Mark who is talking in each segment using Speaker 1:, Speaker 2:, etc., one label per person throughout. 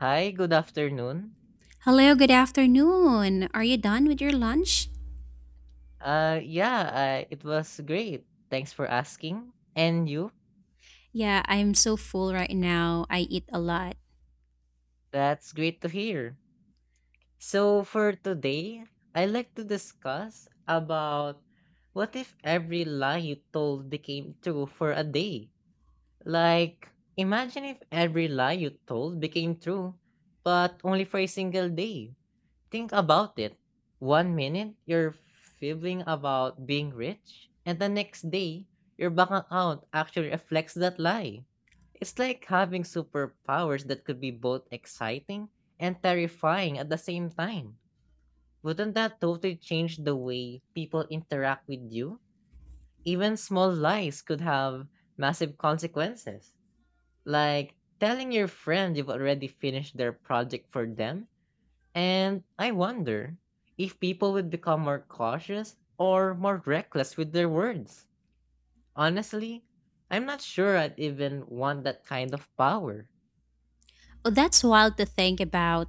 Speaker 1: Hi, good afternoon.
Speaker 2: Hello, good afternoon. Are you done with your lunch?
Speaker 1: Yeah, it was great. Thanks for asking. And you?
Speaker 2: Yeah, I'm so full right now. I eat a lot.
Speaker 1: That's great to hear. So for today, I'd like to discuss about what if every lie you told became true for a day? Like, imagine if every lie you told became true, but only for a single day. Think about it. One minute, you're fibbling about being rich, and the next day, your bank account actually reflects that lie. It's like having superpowers that could be both exciting and terrifying at the same time. Wouldn't that totally change the way people interact with you? Even small lies could have massive consequences. Like telling your friend you've already finished their project for them and I wonder if people would become more cautious or more reckless with their words. Honestly, I'm not sure I'd even want that kind of power.
Speaker 2: Well, that's wild to think about.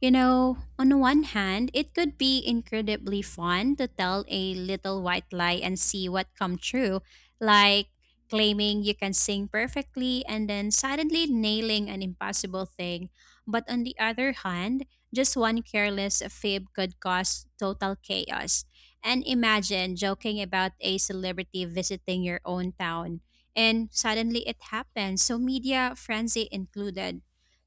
Speaker 2: You know, on the one hand, it could be incredibly fun to tell a little white lie and see what come true, like claiming you can sing perfectly and then suddenly nailing an impossible thing. But on the other hand, just one careless fib could cause total chaos. And imagine joking about a celebrity visiting your own town and suddenly it happens, so media frenzy included.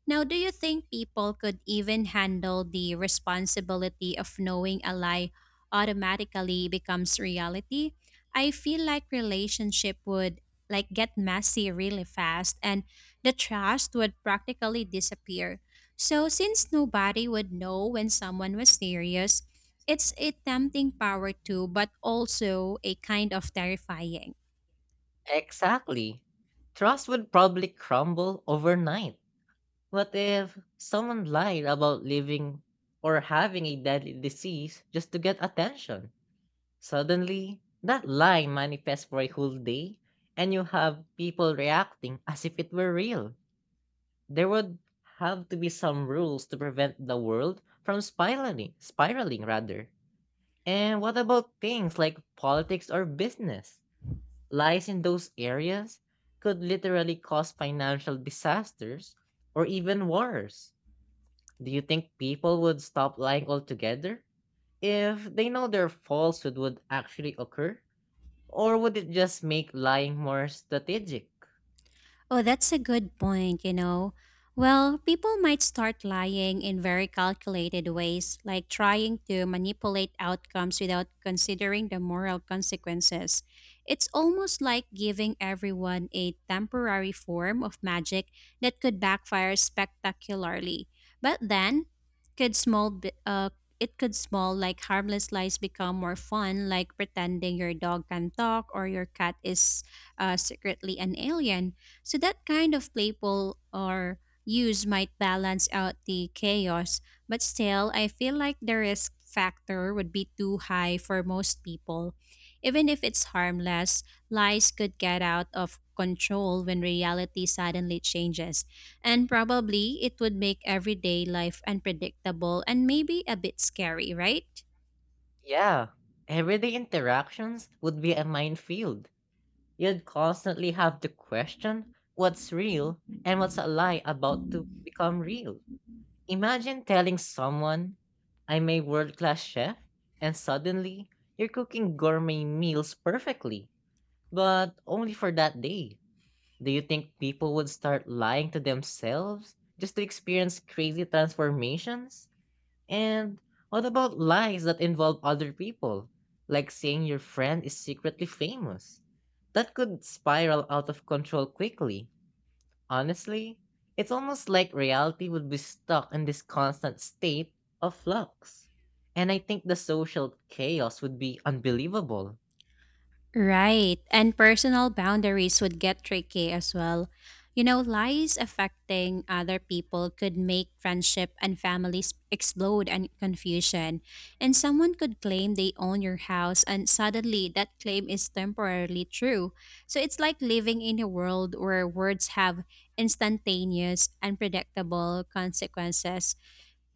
Speaker 2: Now, do you think people could even handle the responsibility of knowing a lie automatically becomes reality? I feel like relationship would like get messy really fast and the trust would practically disappear. So since nobody would know when someone was serious, it's a tempting power too, but also a kind of terrifying.
Speaker 1: Exactly. Trust would probably crumble overnight. What if someone lied about living or having a deadly disease just to get attention? Suddenly, that lie manifests for a whole day, and you have people reacting as if it were real. There would have to be some rules to prevent the world from spiraling, spiraling rather. And what about things like politics or business? Lies in those areas could literally cause financial disasters or even wars. Do you think people would stop lying altogether if they know their falsehood would actually occur? Or would it just make lying more strategic?
Speaker 2: Oh, that's a good point, you know. Well, people might start lying in very calculated ways, like trying to manipulate outcomes without considering the moral consequences. It's almost like giving everyone a temporary form of magic that could backfire spectacularly. But then, could small bi- uh, it could small like harmless lies become more fun, like pretending your dog can talk or your cat is secretly an alien. So that kind of playful or use might balance out the chaos, but still, I feel like the risk factor would be too high for most people. Even if it's harmless, lies could get out of control when reality suddenly changes. And probably it would make everyday life unpredictable and maybe a bit scary, right?
Speaker 1: Yeah, everyday interactions would be a minefield. You'd constantly have to question what's real and what's a lie about to become real. Imagine telling someone, I'm a world class chef, and suddenly you're cooking gourmet meals perfectly, but only for that day. Do you think people would start lying to themselves just to experience crazy transformations? And what about lies that involve other people? Like saying your friend is secretly famous. That could spiral out of control quickly. Honestly, it's almost like reality would be stuck in this constant state of flux. And I think the social chaos would be unbelievable.
Speaker 2: Right. And personal boundaries would get tricky as well. You know, lies affecting other people could make friendship and families explode and confusion. And someone could claim they own your house, and suddenly that claim is temporarily true. So it's like living in a world where words have instantaneous, unpredictable consequences.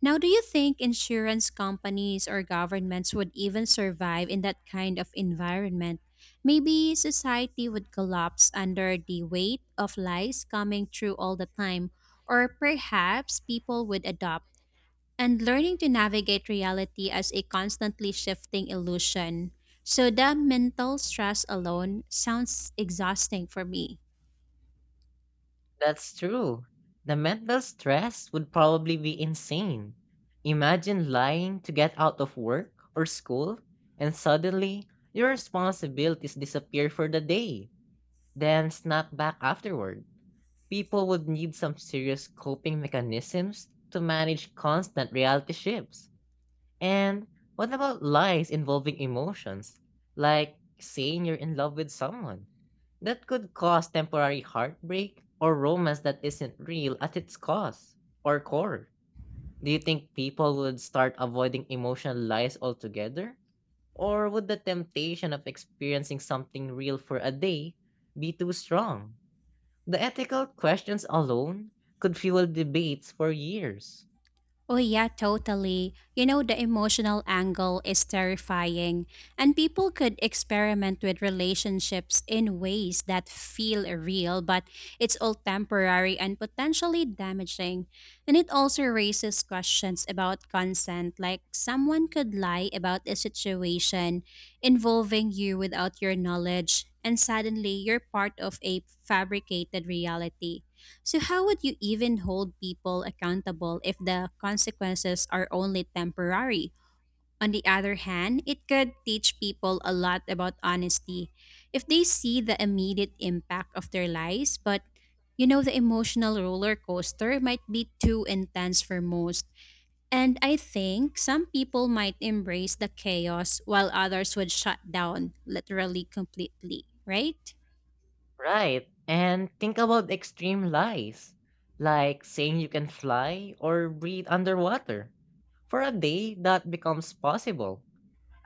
Speaker 2: Now, do you think insurance companies or governments would even survive in that kind of environment? Maybe society would collapse under the weight of lies coming through all the time, or perhaps people would adopt and learning to navigate reality as a constantly shifting illusion. So, the mental stress alone sounds exhausting for me.
Speaker 1: That's true. The mental stress would probably be insane. Imagine lying to get out of work or school, and suddenly your responsibilities disappear for the day, then snap back afterward. People would need some serious coping mechanisms to manage constant reality shifts. And what about lies involving emotions, like saying you're in love with someone? That could cause temporary heartbreak or romance that isn't real at its cause or core. Do you think people would start avoiding emotional lies altogether? Or would the temptation of experiencing something real for a day be too strong? The ethical questions alone could fuel debates for years.
Speaker 2: Oh, yeah, totally. You know, the emotional angle is terrifying, and people could experiment with relationships in ways that feel real, but it's all temporary and potentially damaging. And it also raises questions about consent, like someone could lie about a situation involving you without your knowledge, and suddenly you're part of a fabricated reality. So, how would you even hold people accountable if the consequences are only temporary? On the other hand, it could teach people a lot about honesty. If they see the immediate impact of their lies, but you know, the emotional roller coaster might be too intense for most. And I think some people might embrace the chaos while others would shut down literally completely, right?
Speaker 1: Right, and think about extreme lies, like saying you can fly or breathe underwater. For a day, that becomes possible.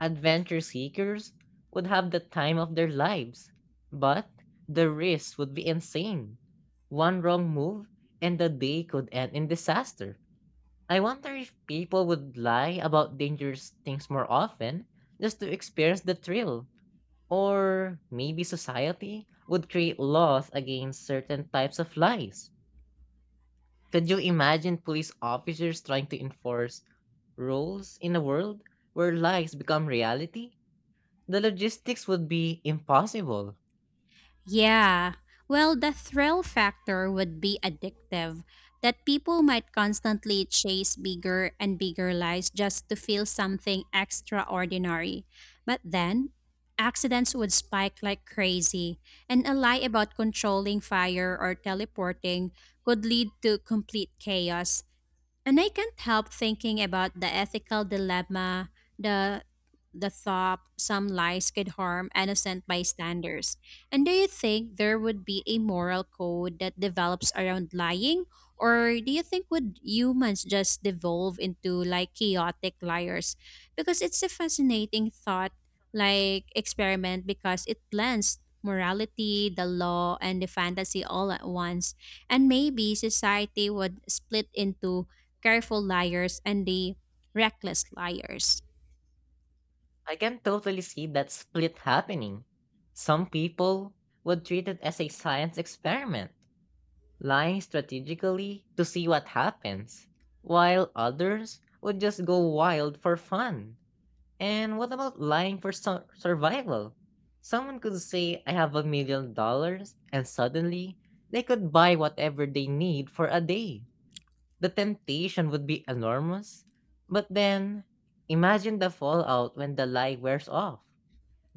Speaker 1: Adventure seekers would have the time of their lives, but the risk would be insane. One wrong move and the day could end in disaster. I wonder if people would lie about dangerous things more often just to experience the thrill. Or maybe society would create laws against certain types of lies. Could you imagine police officers trying to enforce rules in a world where lies become reality? The logistics would be impossible.
Speaker 2: Yeah. Well, the thrill factor would be addictive, that people might constantly chase bigger and bigger lies just to feel something extraordinary. But then, accidents would spike like crazy, and a lie about controlling fire or teleporting could lead to complete chaos. And I can't help thinking about the ethical dilemma, the the thought some lies could harm innocent bystanders. And do you think there would be a moral code that develops around lying? Or do you think would humans just devolve into like chaotic liars? Because it's a fascinating thought like experiment because it blends morality, the law, and the fantasy all at once. And maybe society would split into careful liars and the reckless liars.
Speaker 1: I can totally see that split happening. Some people would treat it as a science experiment, lying strategically to see what happens, while others would just go wild for fun. And what about lying for survival? Someone could say, I have $1 million, and suddenly they could buy whatever they need for a day. The temptation would be enormous. But then, imagine the fallout when the lie wears off.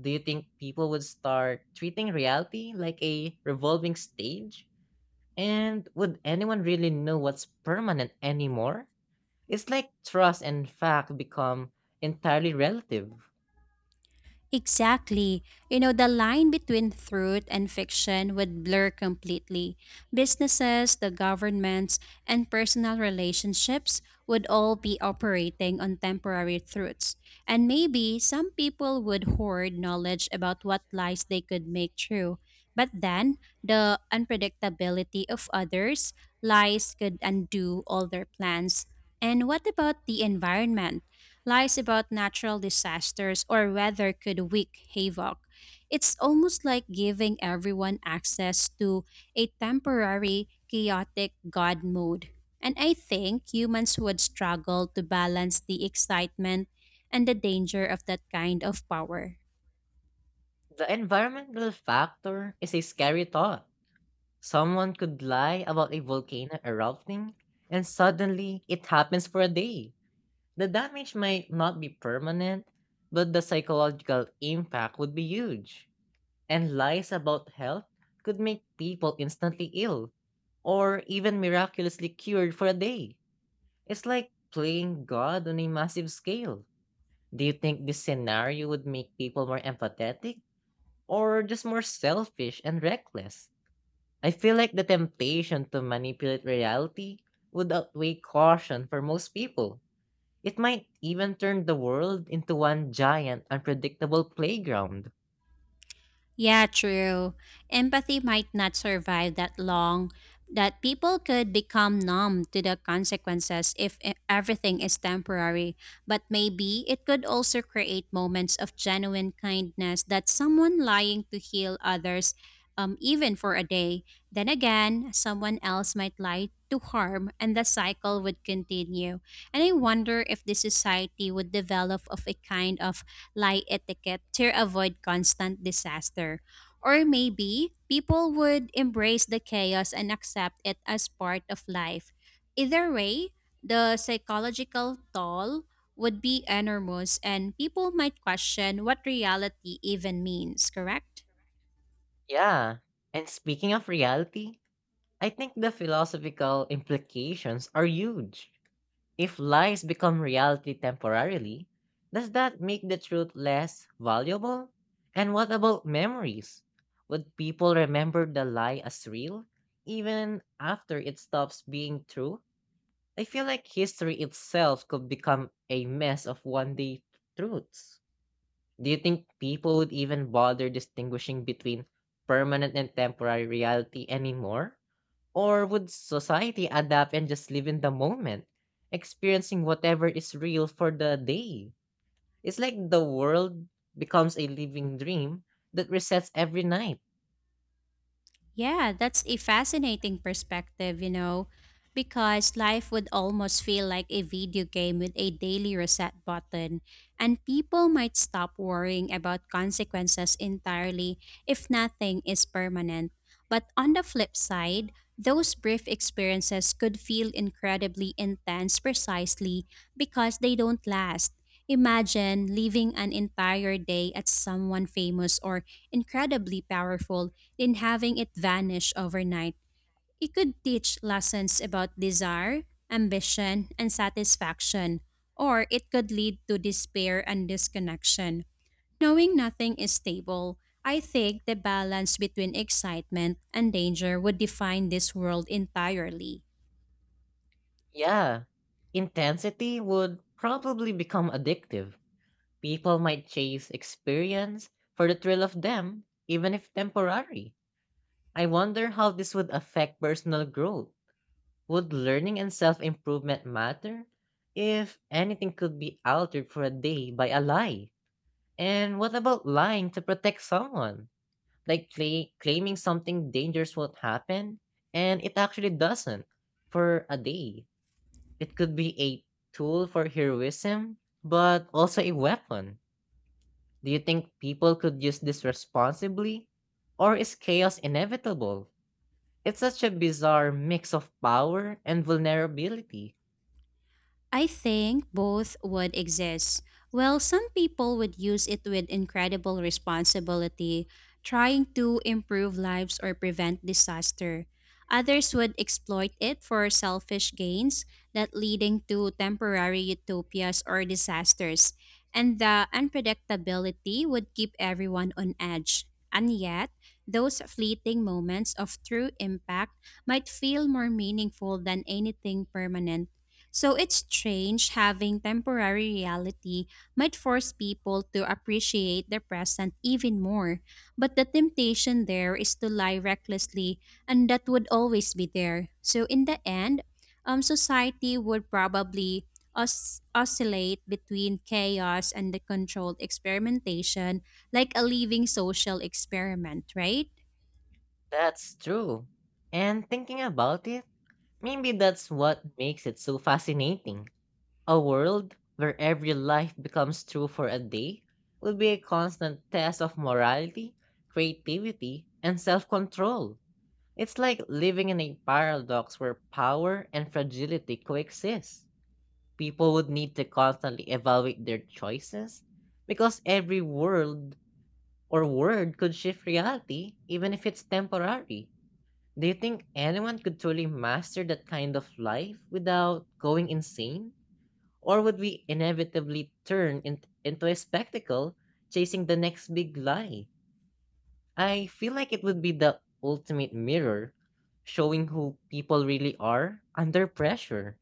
Speaker 1: Do you think people would start treating reality like a revolving stage? And would anyone really know what's permanent anymore? It's like trust and fact become entirely relative.
Speaker 2: Exactly. You know, the line between truth and fiction would blur completely. Businesses, the governments, and personal relationships would all be operating on temporary truths. And maybe some people would hoard knowledge about what lies they could make true. But then, the unpredictability of others, lies could undo all their plans. And what about the environment? Lies about natural disasters or weather could wreak havoc. It's almost like giving everyone access to a temporary, chaotic God mode. And I think humans would struggle to balance the excitement and the danger of that kind of power.
Speaker 1: The environmental factor is a scary thought. Someone could lie about a volcano erupting, and suddenly it happens for a day. The damage might not be permanent, but the psychological impact would be huge. And lies about health could make people instantly ill or even miraculously cured for a day. It's like playing God on a massive scale. Do you think this scenario would make people more empathetic or just more selfish and reckless? I feel like the temptation to manipulate reality would outweigh caution for most people. It might even turn the world into one giant, unpredictable playground.
Speaker 2: Yeah, true. Empathy might not survive that long, that people could become numb to the consequences if everything is temporary. But maybe it could also create moments of genuine kindness that someone lying to heal others, even for a day. Then again, someone else might lie to harm, and the cycle would continue. And I wonder if the society would develop of a kind of lie etiquette to avoid constant disaster. Or maybe people would embrace the chaos and accept it as part of life. Either way, the psychological toll would be enormous and people might question what reality even means, correct?
Speaker 1: Yeah. And speaking of reality, I think the philosophical implications are huge. If lies become reality temporarily, does that make the truth less valuable? And what about memories? Would people remember the lie as real, even after it stops being true? I feel like history itself could become a mess of one day truths. Do you think people would even bother distinguishing between permanent and temporary reality anymore? Or would society adapt and just live in the moment, experiencing whatever is real for the day? It's like the world becomes a living dream that resets every night.
Speaker 2: Yeah, that's a fascinating perspective, you know, because life would almost feel like a video game with a daily reset button, and people might stop worrying about consequences entirely if nothing is permanent. But on the flip side, those brief experiences could feel incredibly intense precisely because they don't last. Imagine living an entire day at someone famous or incredibly powerful than having it vanish overnight. It could teach lessons about desire, ambition, and satisfaction, or it could lead to despair and disconnection. Knowing nothing is stable, I think the balance between excitement and danger would define this world entirely.
Speaker 1: Yeah, intensity would probably become addictive. People might chase experience for the thrill of them, even if temporary. I wonder how this would affect personal growth. Would learning and self improvement matter? If anything could be altered for a day by a lie. And what about lying to protect someone? Like claiming something dangerous won't happen, and it actually doesn't for a day. It could be a tool for heroism, but also a weapon. Do you think people could use this responsibly? Or is chaos inevitable? It's such a bizarre mix of power and vulnerability.
Speaker 2: I think both would exist. Well, some people would use it with incredible responsibility, trying to improve lives or prevent disaster. Others would exploit it for selfish gains that leading to temporary utopias or disasters. And the unpredictability would keep everyone on edge. And yet, those fleeting moments of true impact might feel more meaningful than anything permanent. So it's strange having temporary reality might force people to appreciate the present even more. But the temptation there is to lie recklessly, and that would always be there. So in the end, society would probably oscillate between chaos and the controlled experimentation, like a living social experiment, right?
Speaker 1: That's true. And thinking about it, maybe that's what makes it so fascinating. A world where every life becomes true for a day will be a constant test of morality, creativity, and self control. It's like living in a paradox where power and fragility coexist. People would need to constantly evaluate their choices because every world or word could shift reality, even if it's temporary. Do you think anyone could truly master that kind of life without going insane? Or would we inevitably turn into a spectacle chasing the next big lie? I feel like it would be the ultimate mirror showing who people really are under pressure.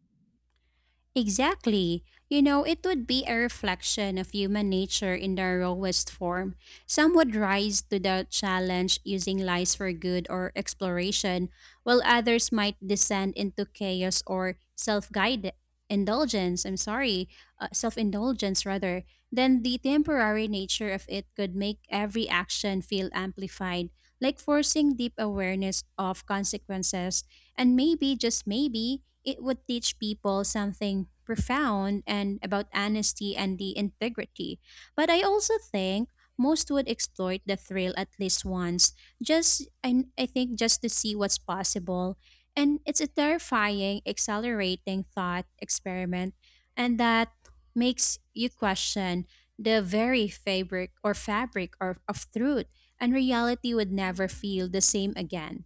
Speaker 2: Exactly. You know, it would be a reflection of human nature in their rawest form. Some would rise to the challenge using lies for good or exploration, while others might descend into chaos or self-guided indulgence. I'm sorry, self-indulgence rather. Then the temporary nature of it could make every action feel amplified, like forcing deep awareness of consequences and maybe, just maybe, it would teach people something profound and about honesty and the integrity. But I also think most would exploit the thrill at least once, just I think just to see what's possible. And it's a terrifying, accelerating thought experiment, and that makes you question the very fabric or of truth and reality would never feel the same again.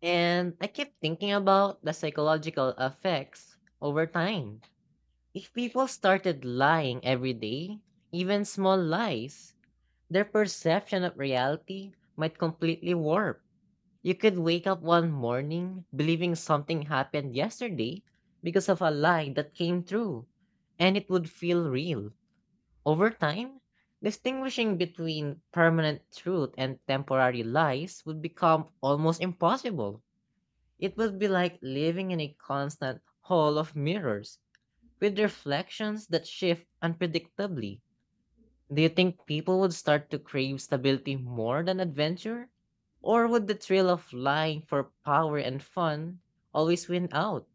Speaker 1: And I keep thinking about the psychological effects over time. If people started lying every day, even small lies, their perception of reality might completely warp. You could wake up one morning believing something happened yesterday because of a lie that came true, and it would feel real. Over time, distinguishing between permanent truth and temporary lies would become almost impossible. It would be like living in a constant hall of mirrors with reflections that shift unpredictably. Do you think people would start to crave stability more than adventure? Or would the thrill of flying for power and fun always win out?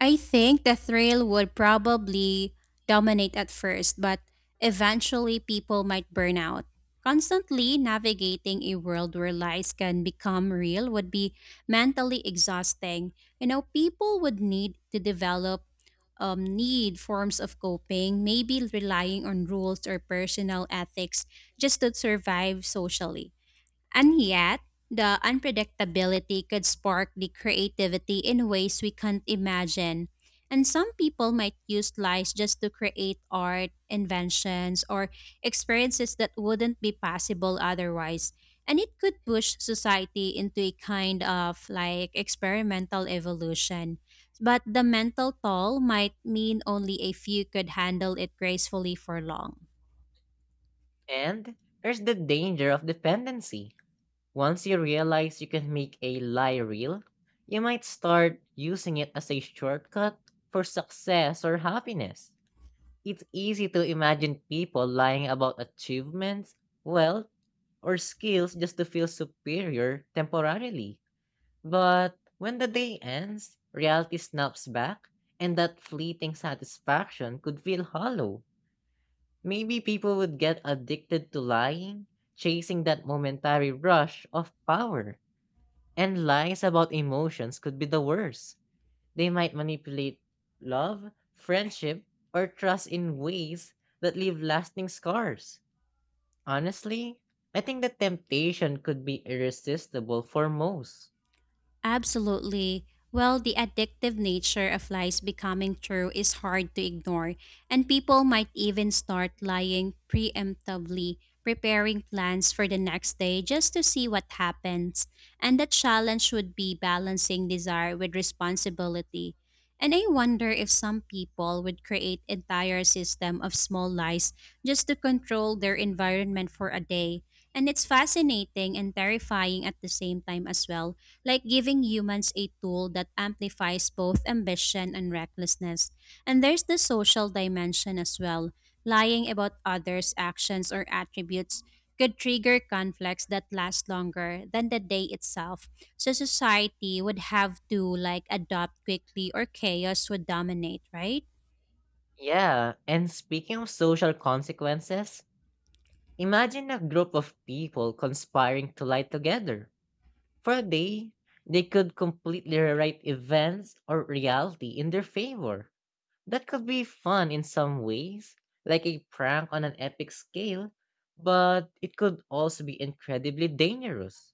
Speaker 2: I think the thrill would probably dominate at first, but eventually people might burn out. Constantly navigating a world where lies can become real would be mentally exhausting. You know, people would need to develop need forms of coping, maybe relying on rules or personal ethics just to survive socially. And yet, the unpredictability could spark the creativity in ways we can't imagine. And some people might use lies just to create art, inventions, or experiences that wouldn't be possible otherwise. And it could push society into a kind of like experimental evolution. But the mental toll might mean only a few could handle it gracefully for long.
Speaker 1: And there's the danger of dependency. Once you realize you can make a lie real, you might start using it as a shortcut for success or happiness. It's easy to imagine people lying about achievements, wealth, or skills just to feel superior temporarily. But when the day ends, reality snaps back, and that fleeting satisfaction could feel hollow. Maybe people would get addicted to lying, chasing that momentary rush of power. And lies about emotions could be the worst. They might manipulate love, friendship, or trust in ways that leave lasting scars. Honestly, I think the temptation could be irresistible for most.
Speaker 2: Absolutely. Well, the addictive nature of lies becoming true is hard to ignore, and people might even start lying preemptively, preparing plans for the next day just to see what happens. And the challenge would be balancing desire with responsibility. And I wonder if some people would create entire system of small lies just to control their environment for a day. And it's fascinating and terrifying at the same time as well like giving humans a tool that amplifies both ambition and recklessness. And there's the social dimension as well. Lying about others' actions or attributes could trigger conflicts that last longer than the day itself. So society would have to like adopt quickly or chaos would dominate, right?
Speaker 1: Yeah, and speaking of social consequences, imagine a group of people conspiring to lie together. For a day, they could completely rewrite events or reality in their favor. That could be fun in some ways, like a prank on an epic scale, but it could also be incredibly dangerous.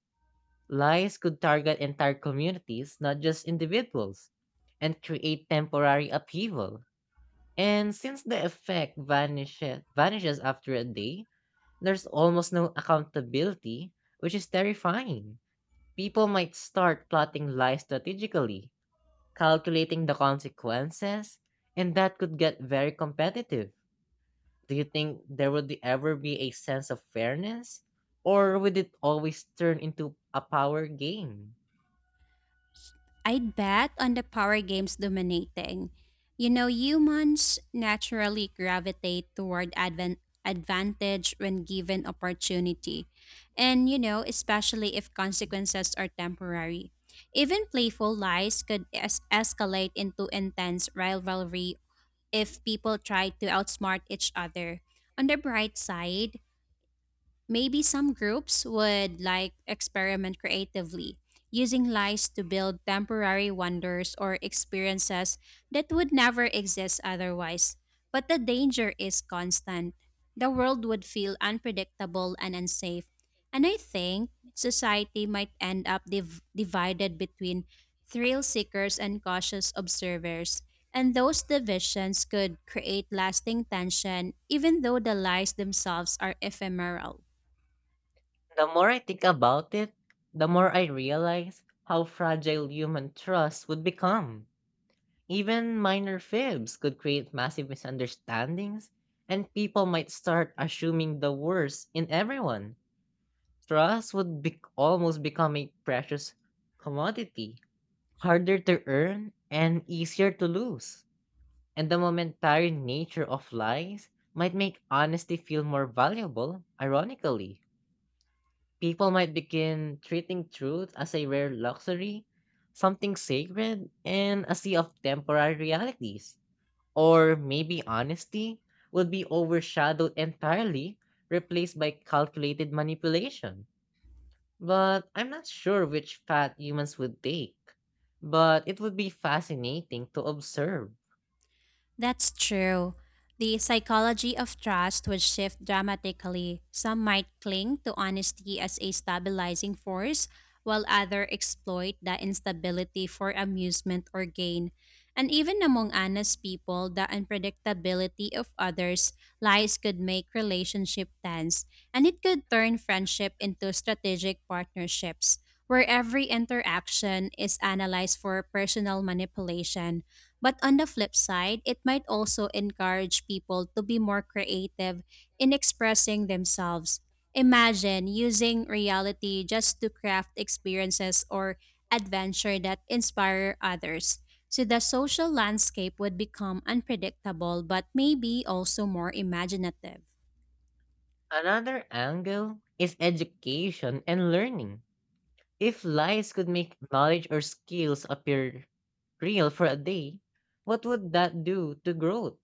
Speaker 1: Lies could target entire communities, not just individuals, and create temporary upheaval. And since the effect vanishes after a day, there's almost no accountability, which is terrifying. People might start plotting lies strategically, calculating the consequences, and that could get very competitive. Do you think there would ever be a sense of fairness? Or would it always turn into a power game?
Speaker 2: I'd bet on the power games dominating. You know, humans naturally gravitate toward advantage when given opportunity. And, you know, especially if consequences are temporary. Even playful lies could escalate into intense rivalry if people try to outsmart each other. On the bright side, maybe some groups would like experiment creatively, using lies to build temporary wonders or experiences that would never exist otherwise. But the danger is constant. The world would feel unpredictable and unsafe. And I think society might end up divided between thrill seekers and cautious observers. And those divisions could create lasting tension, even though the lies themselves are ephemeral.
Speaker 1: The more I think about it, the more I realize how fragile human trust would become. Even minor fibs could create massive misunderstandings, and people might start assuming the worst in everyone. Trust would almost become a precious commodity, harder to earn and easier to lose. And the momentary nature of lies might make honesty feel more valuable, ironically people might begin treating truth as a rare luxury, something sacred, and a sea of temporary realities. Or maybe honesty will be overshadowed entirely, replaced by calculated manipulation. But I'm not sure which path humans would take. But it would be fascinating to observe.
Speaker 2: That's true. The psychology of trust would shift dramatically. Some might cling to honesty as a stabilizing force, while others exploit that instability for amusement or gain. And even among honest people, the unpredictability of others' lies could make relationship tense, and it could turn friendship into strategic partnerships, where every interaction is analyzed for personal manipulation. But on the flip side, it might also encourage people to be more creative in expressing themselves. Imagine using reality just to craft experiences or adventure that inspire others. So the social landscape would become unpredictable but maybe also more imaginative.
Speaker 1: Another angle is education and learning. If lies could make knowledge or skills appear real for a day, what would that do to growth?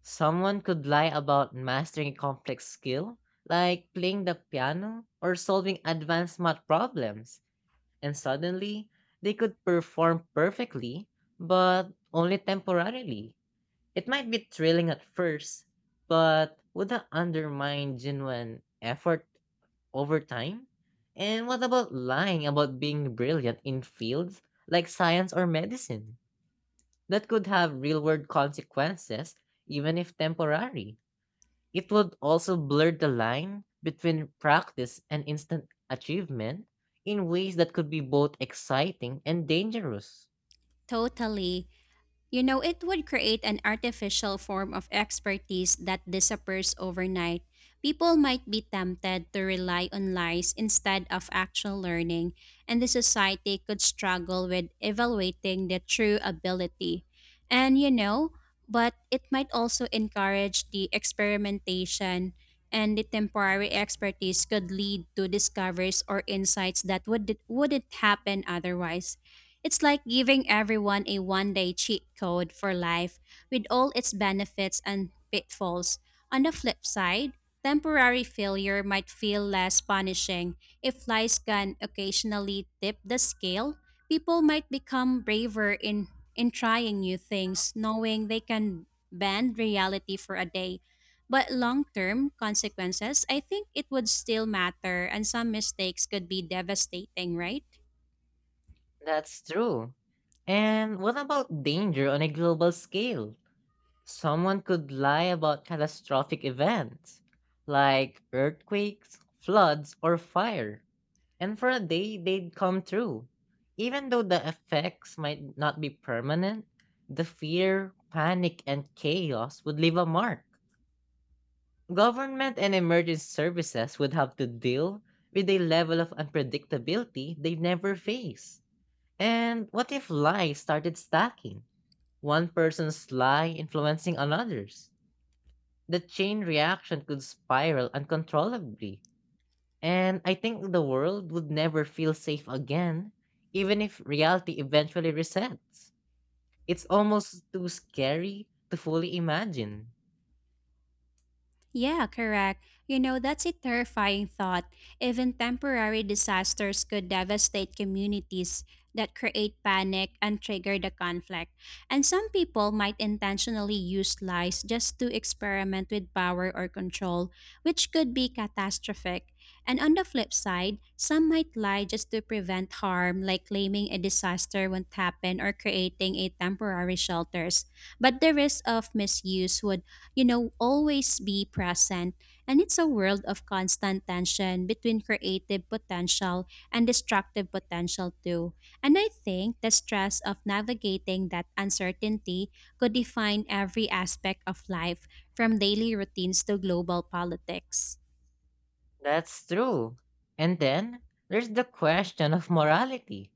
Speaker 1: Someone could lie about mastering a complex skill, like playing the piano or solving advanced math problems, and suddenly they could perform perfectly, but only temporarily. It might be thrilling at first, but would that undermine genuine effort over time? And what about lying about being brilliant in fields like science or medicine? That could have real world consequences, even if temporary. It would also blur the line between practice and instant achievement in ways that could be both exciting and dangerous.
Speaker 2: Totally. You know, it would create an artificial form of expertise that disappears overnight. People might be tempted to rely on lies instead of actual learning, and the society could struggle with evaluating the true ability. And you know, but it might also encourage the experimentation, and the temporary expertise could lead to discoveries or insights that wouldn't happen otherwise. It's like giving everyone a one day cheat code for life with all its benefits and pitfalls. On the flip side, temporary failure might feel less punishing. If lies can occasionally tip the scale, people might become braver in trying new things, knowing they can bend reality for a day. But long term consequences, I think it would still matter, and some mistakes could be devastating, right?
Speaker 1: That's true. And what about danger on a global scale? Someone could lie about catastrophic events like earthquakes, floods, or fire, and for a day they'd come true. Even though the effects might not be permanent, the fear, panic, and chaos would leave a mark. Government and emergency services would have to deal with a level of unpredictability they never face. And what if lies started stacking? One person's lie influencing another's? The chain reaction could spiral uncontrollably, and I think the world would never feel safe again, even if reality eventually resets. It's almost too scary to fully imagine.
Speaker 2: Yeah, correct. You know, that's a terrifying thought. Even temporary disasters could devastate communities that create panic and trigger the conflict. And some people might intentionally use lies just to experiment with power or control, which could be catastrophic. And on the flip side, some might lie just to prevent harm, like claiming a disaster won't happen or creating a temporary shelters. But the risk of misuse would you know, always be present. And it's a world of constant tension between creative potential and destructive potential, too. And I think the stress of navigating that uncertainty could define every aspect of life, from daily routines to global politics.
Speaker 1: That's true. And then there's the question of morality.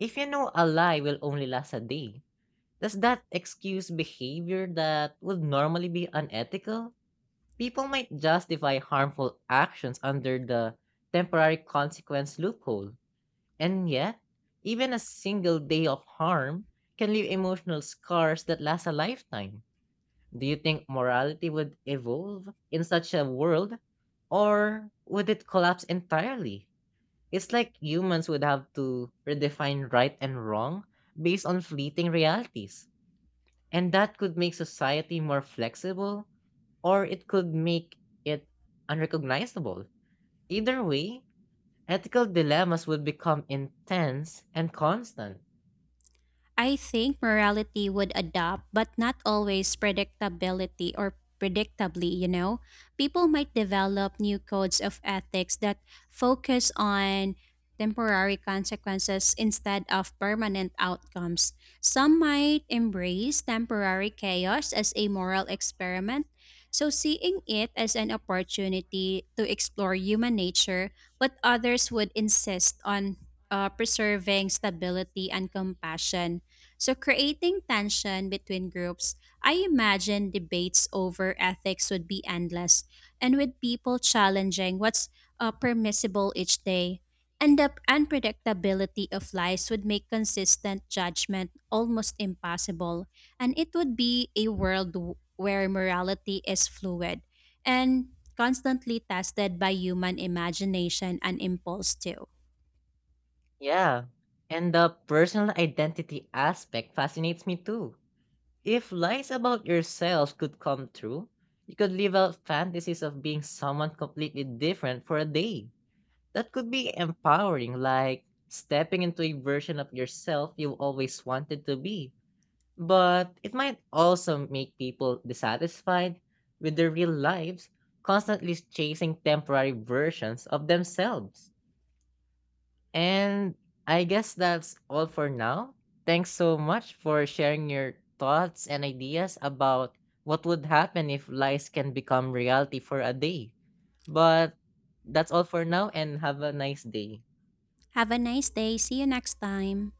Speaker 1: If you know a lie will only last a day, does that excuse behavior that would normally be unethical? People might justify harmful actions under the temporary consequence loophole. And yet, even a single day of harm can leave emotional scars that last a lifetime. Do you think morality would evolve in such a world, or would it collapse entirely? It's like humans would have to redefine right and wrong based on fleeting realities. And that could make society more flexible or it could make it unrecognizable. Either way, ethical dilemmas would become intense and constant.
Speaker 2: I think morality would adapt, but not always predictability or predictably, you know. People might develop new codes of ethics that focus on temporary consequences instead of permanent outcomes. Some might embrace temporary chaos as a moral experiment. So, seeing it as an opportunity to explore human nature, but others would insist on preserving stability and compassion. So, creating tension between groups, I imagine debates over ethics would be endless, and with people challenging what's permissible each day. And the unpredictability of lives would make consistent judgment almost impossible, and it would be a world where morality is fluid and constantly tested by human imagination and impulse, too.
Speaker 1: Yeah. And the personal identity aspect fascinates me too. If lies about yourself could come true, you could live out fantasies of being someone completely different for a day. That could be empowering, like stepping into a version of yourself you always wanted to be. But it might also make people dissatisfied with their real lives, constantly chasing temporary versions of themselves. And I guess that's all for now. Thanks so much for sharing your thoughts and ideas about what would happen if lies can become reality for a day. But that's all for now and have a nice day.
Speaker 2: Have a nice day. See you next time.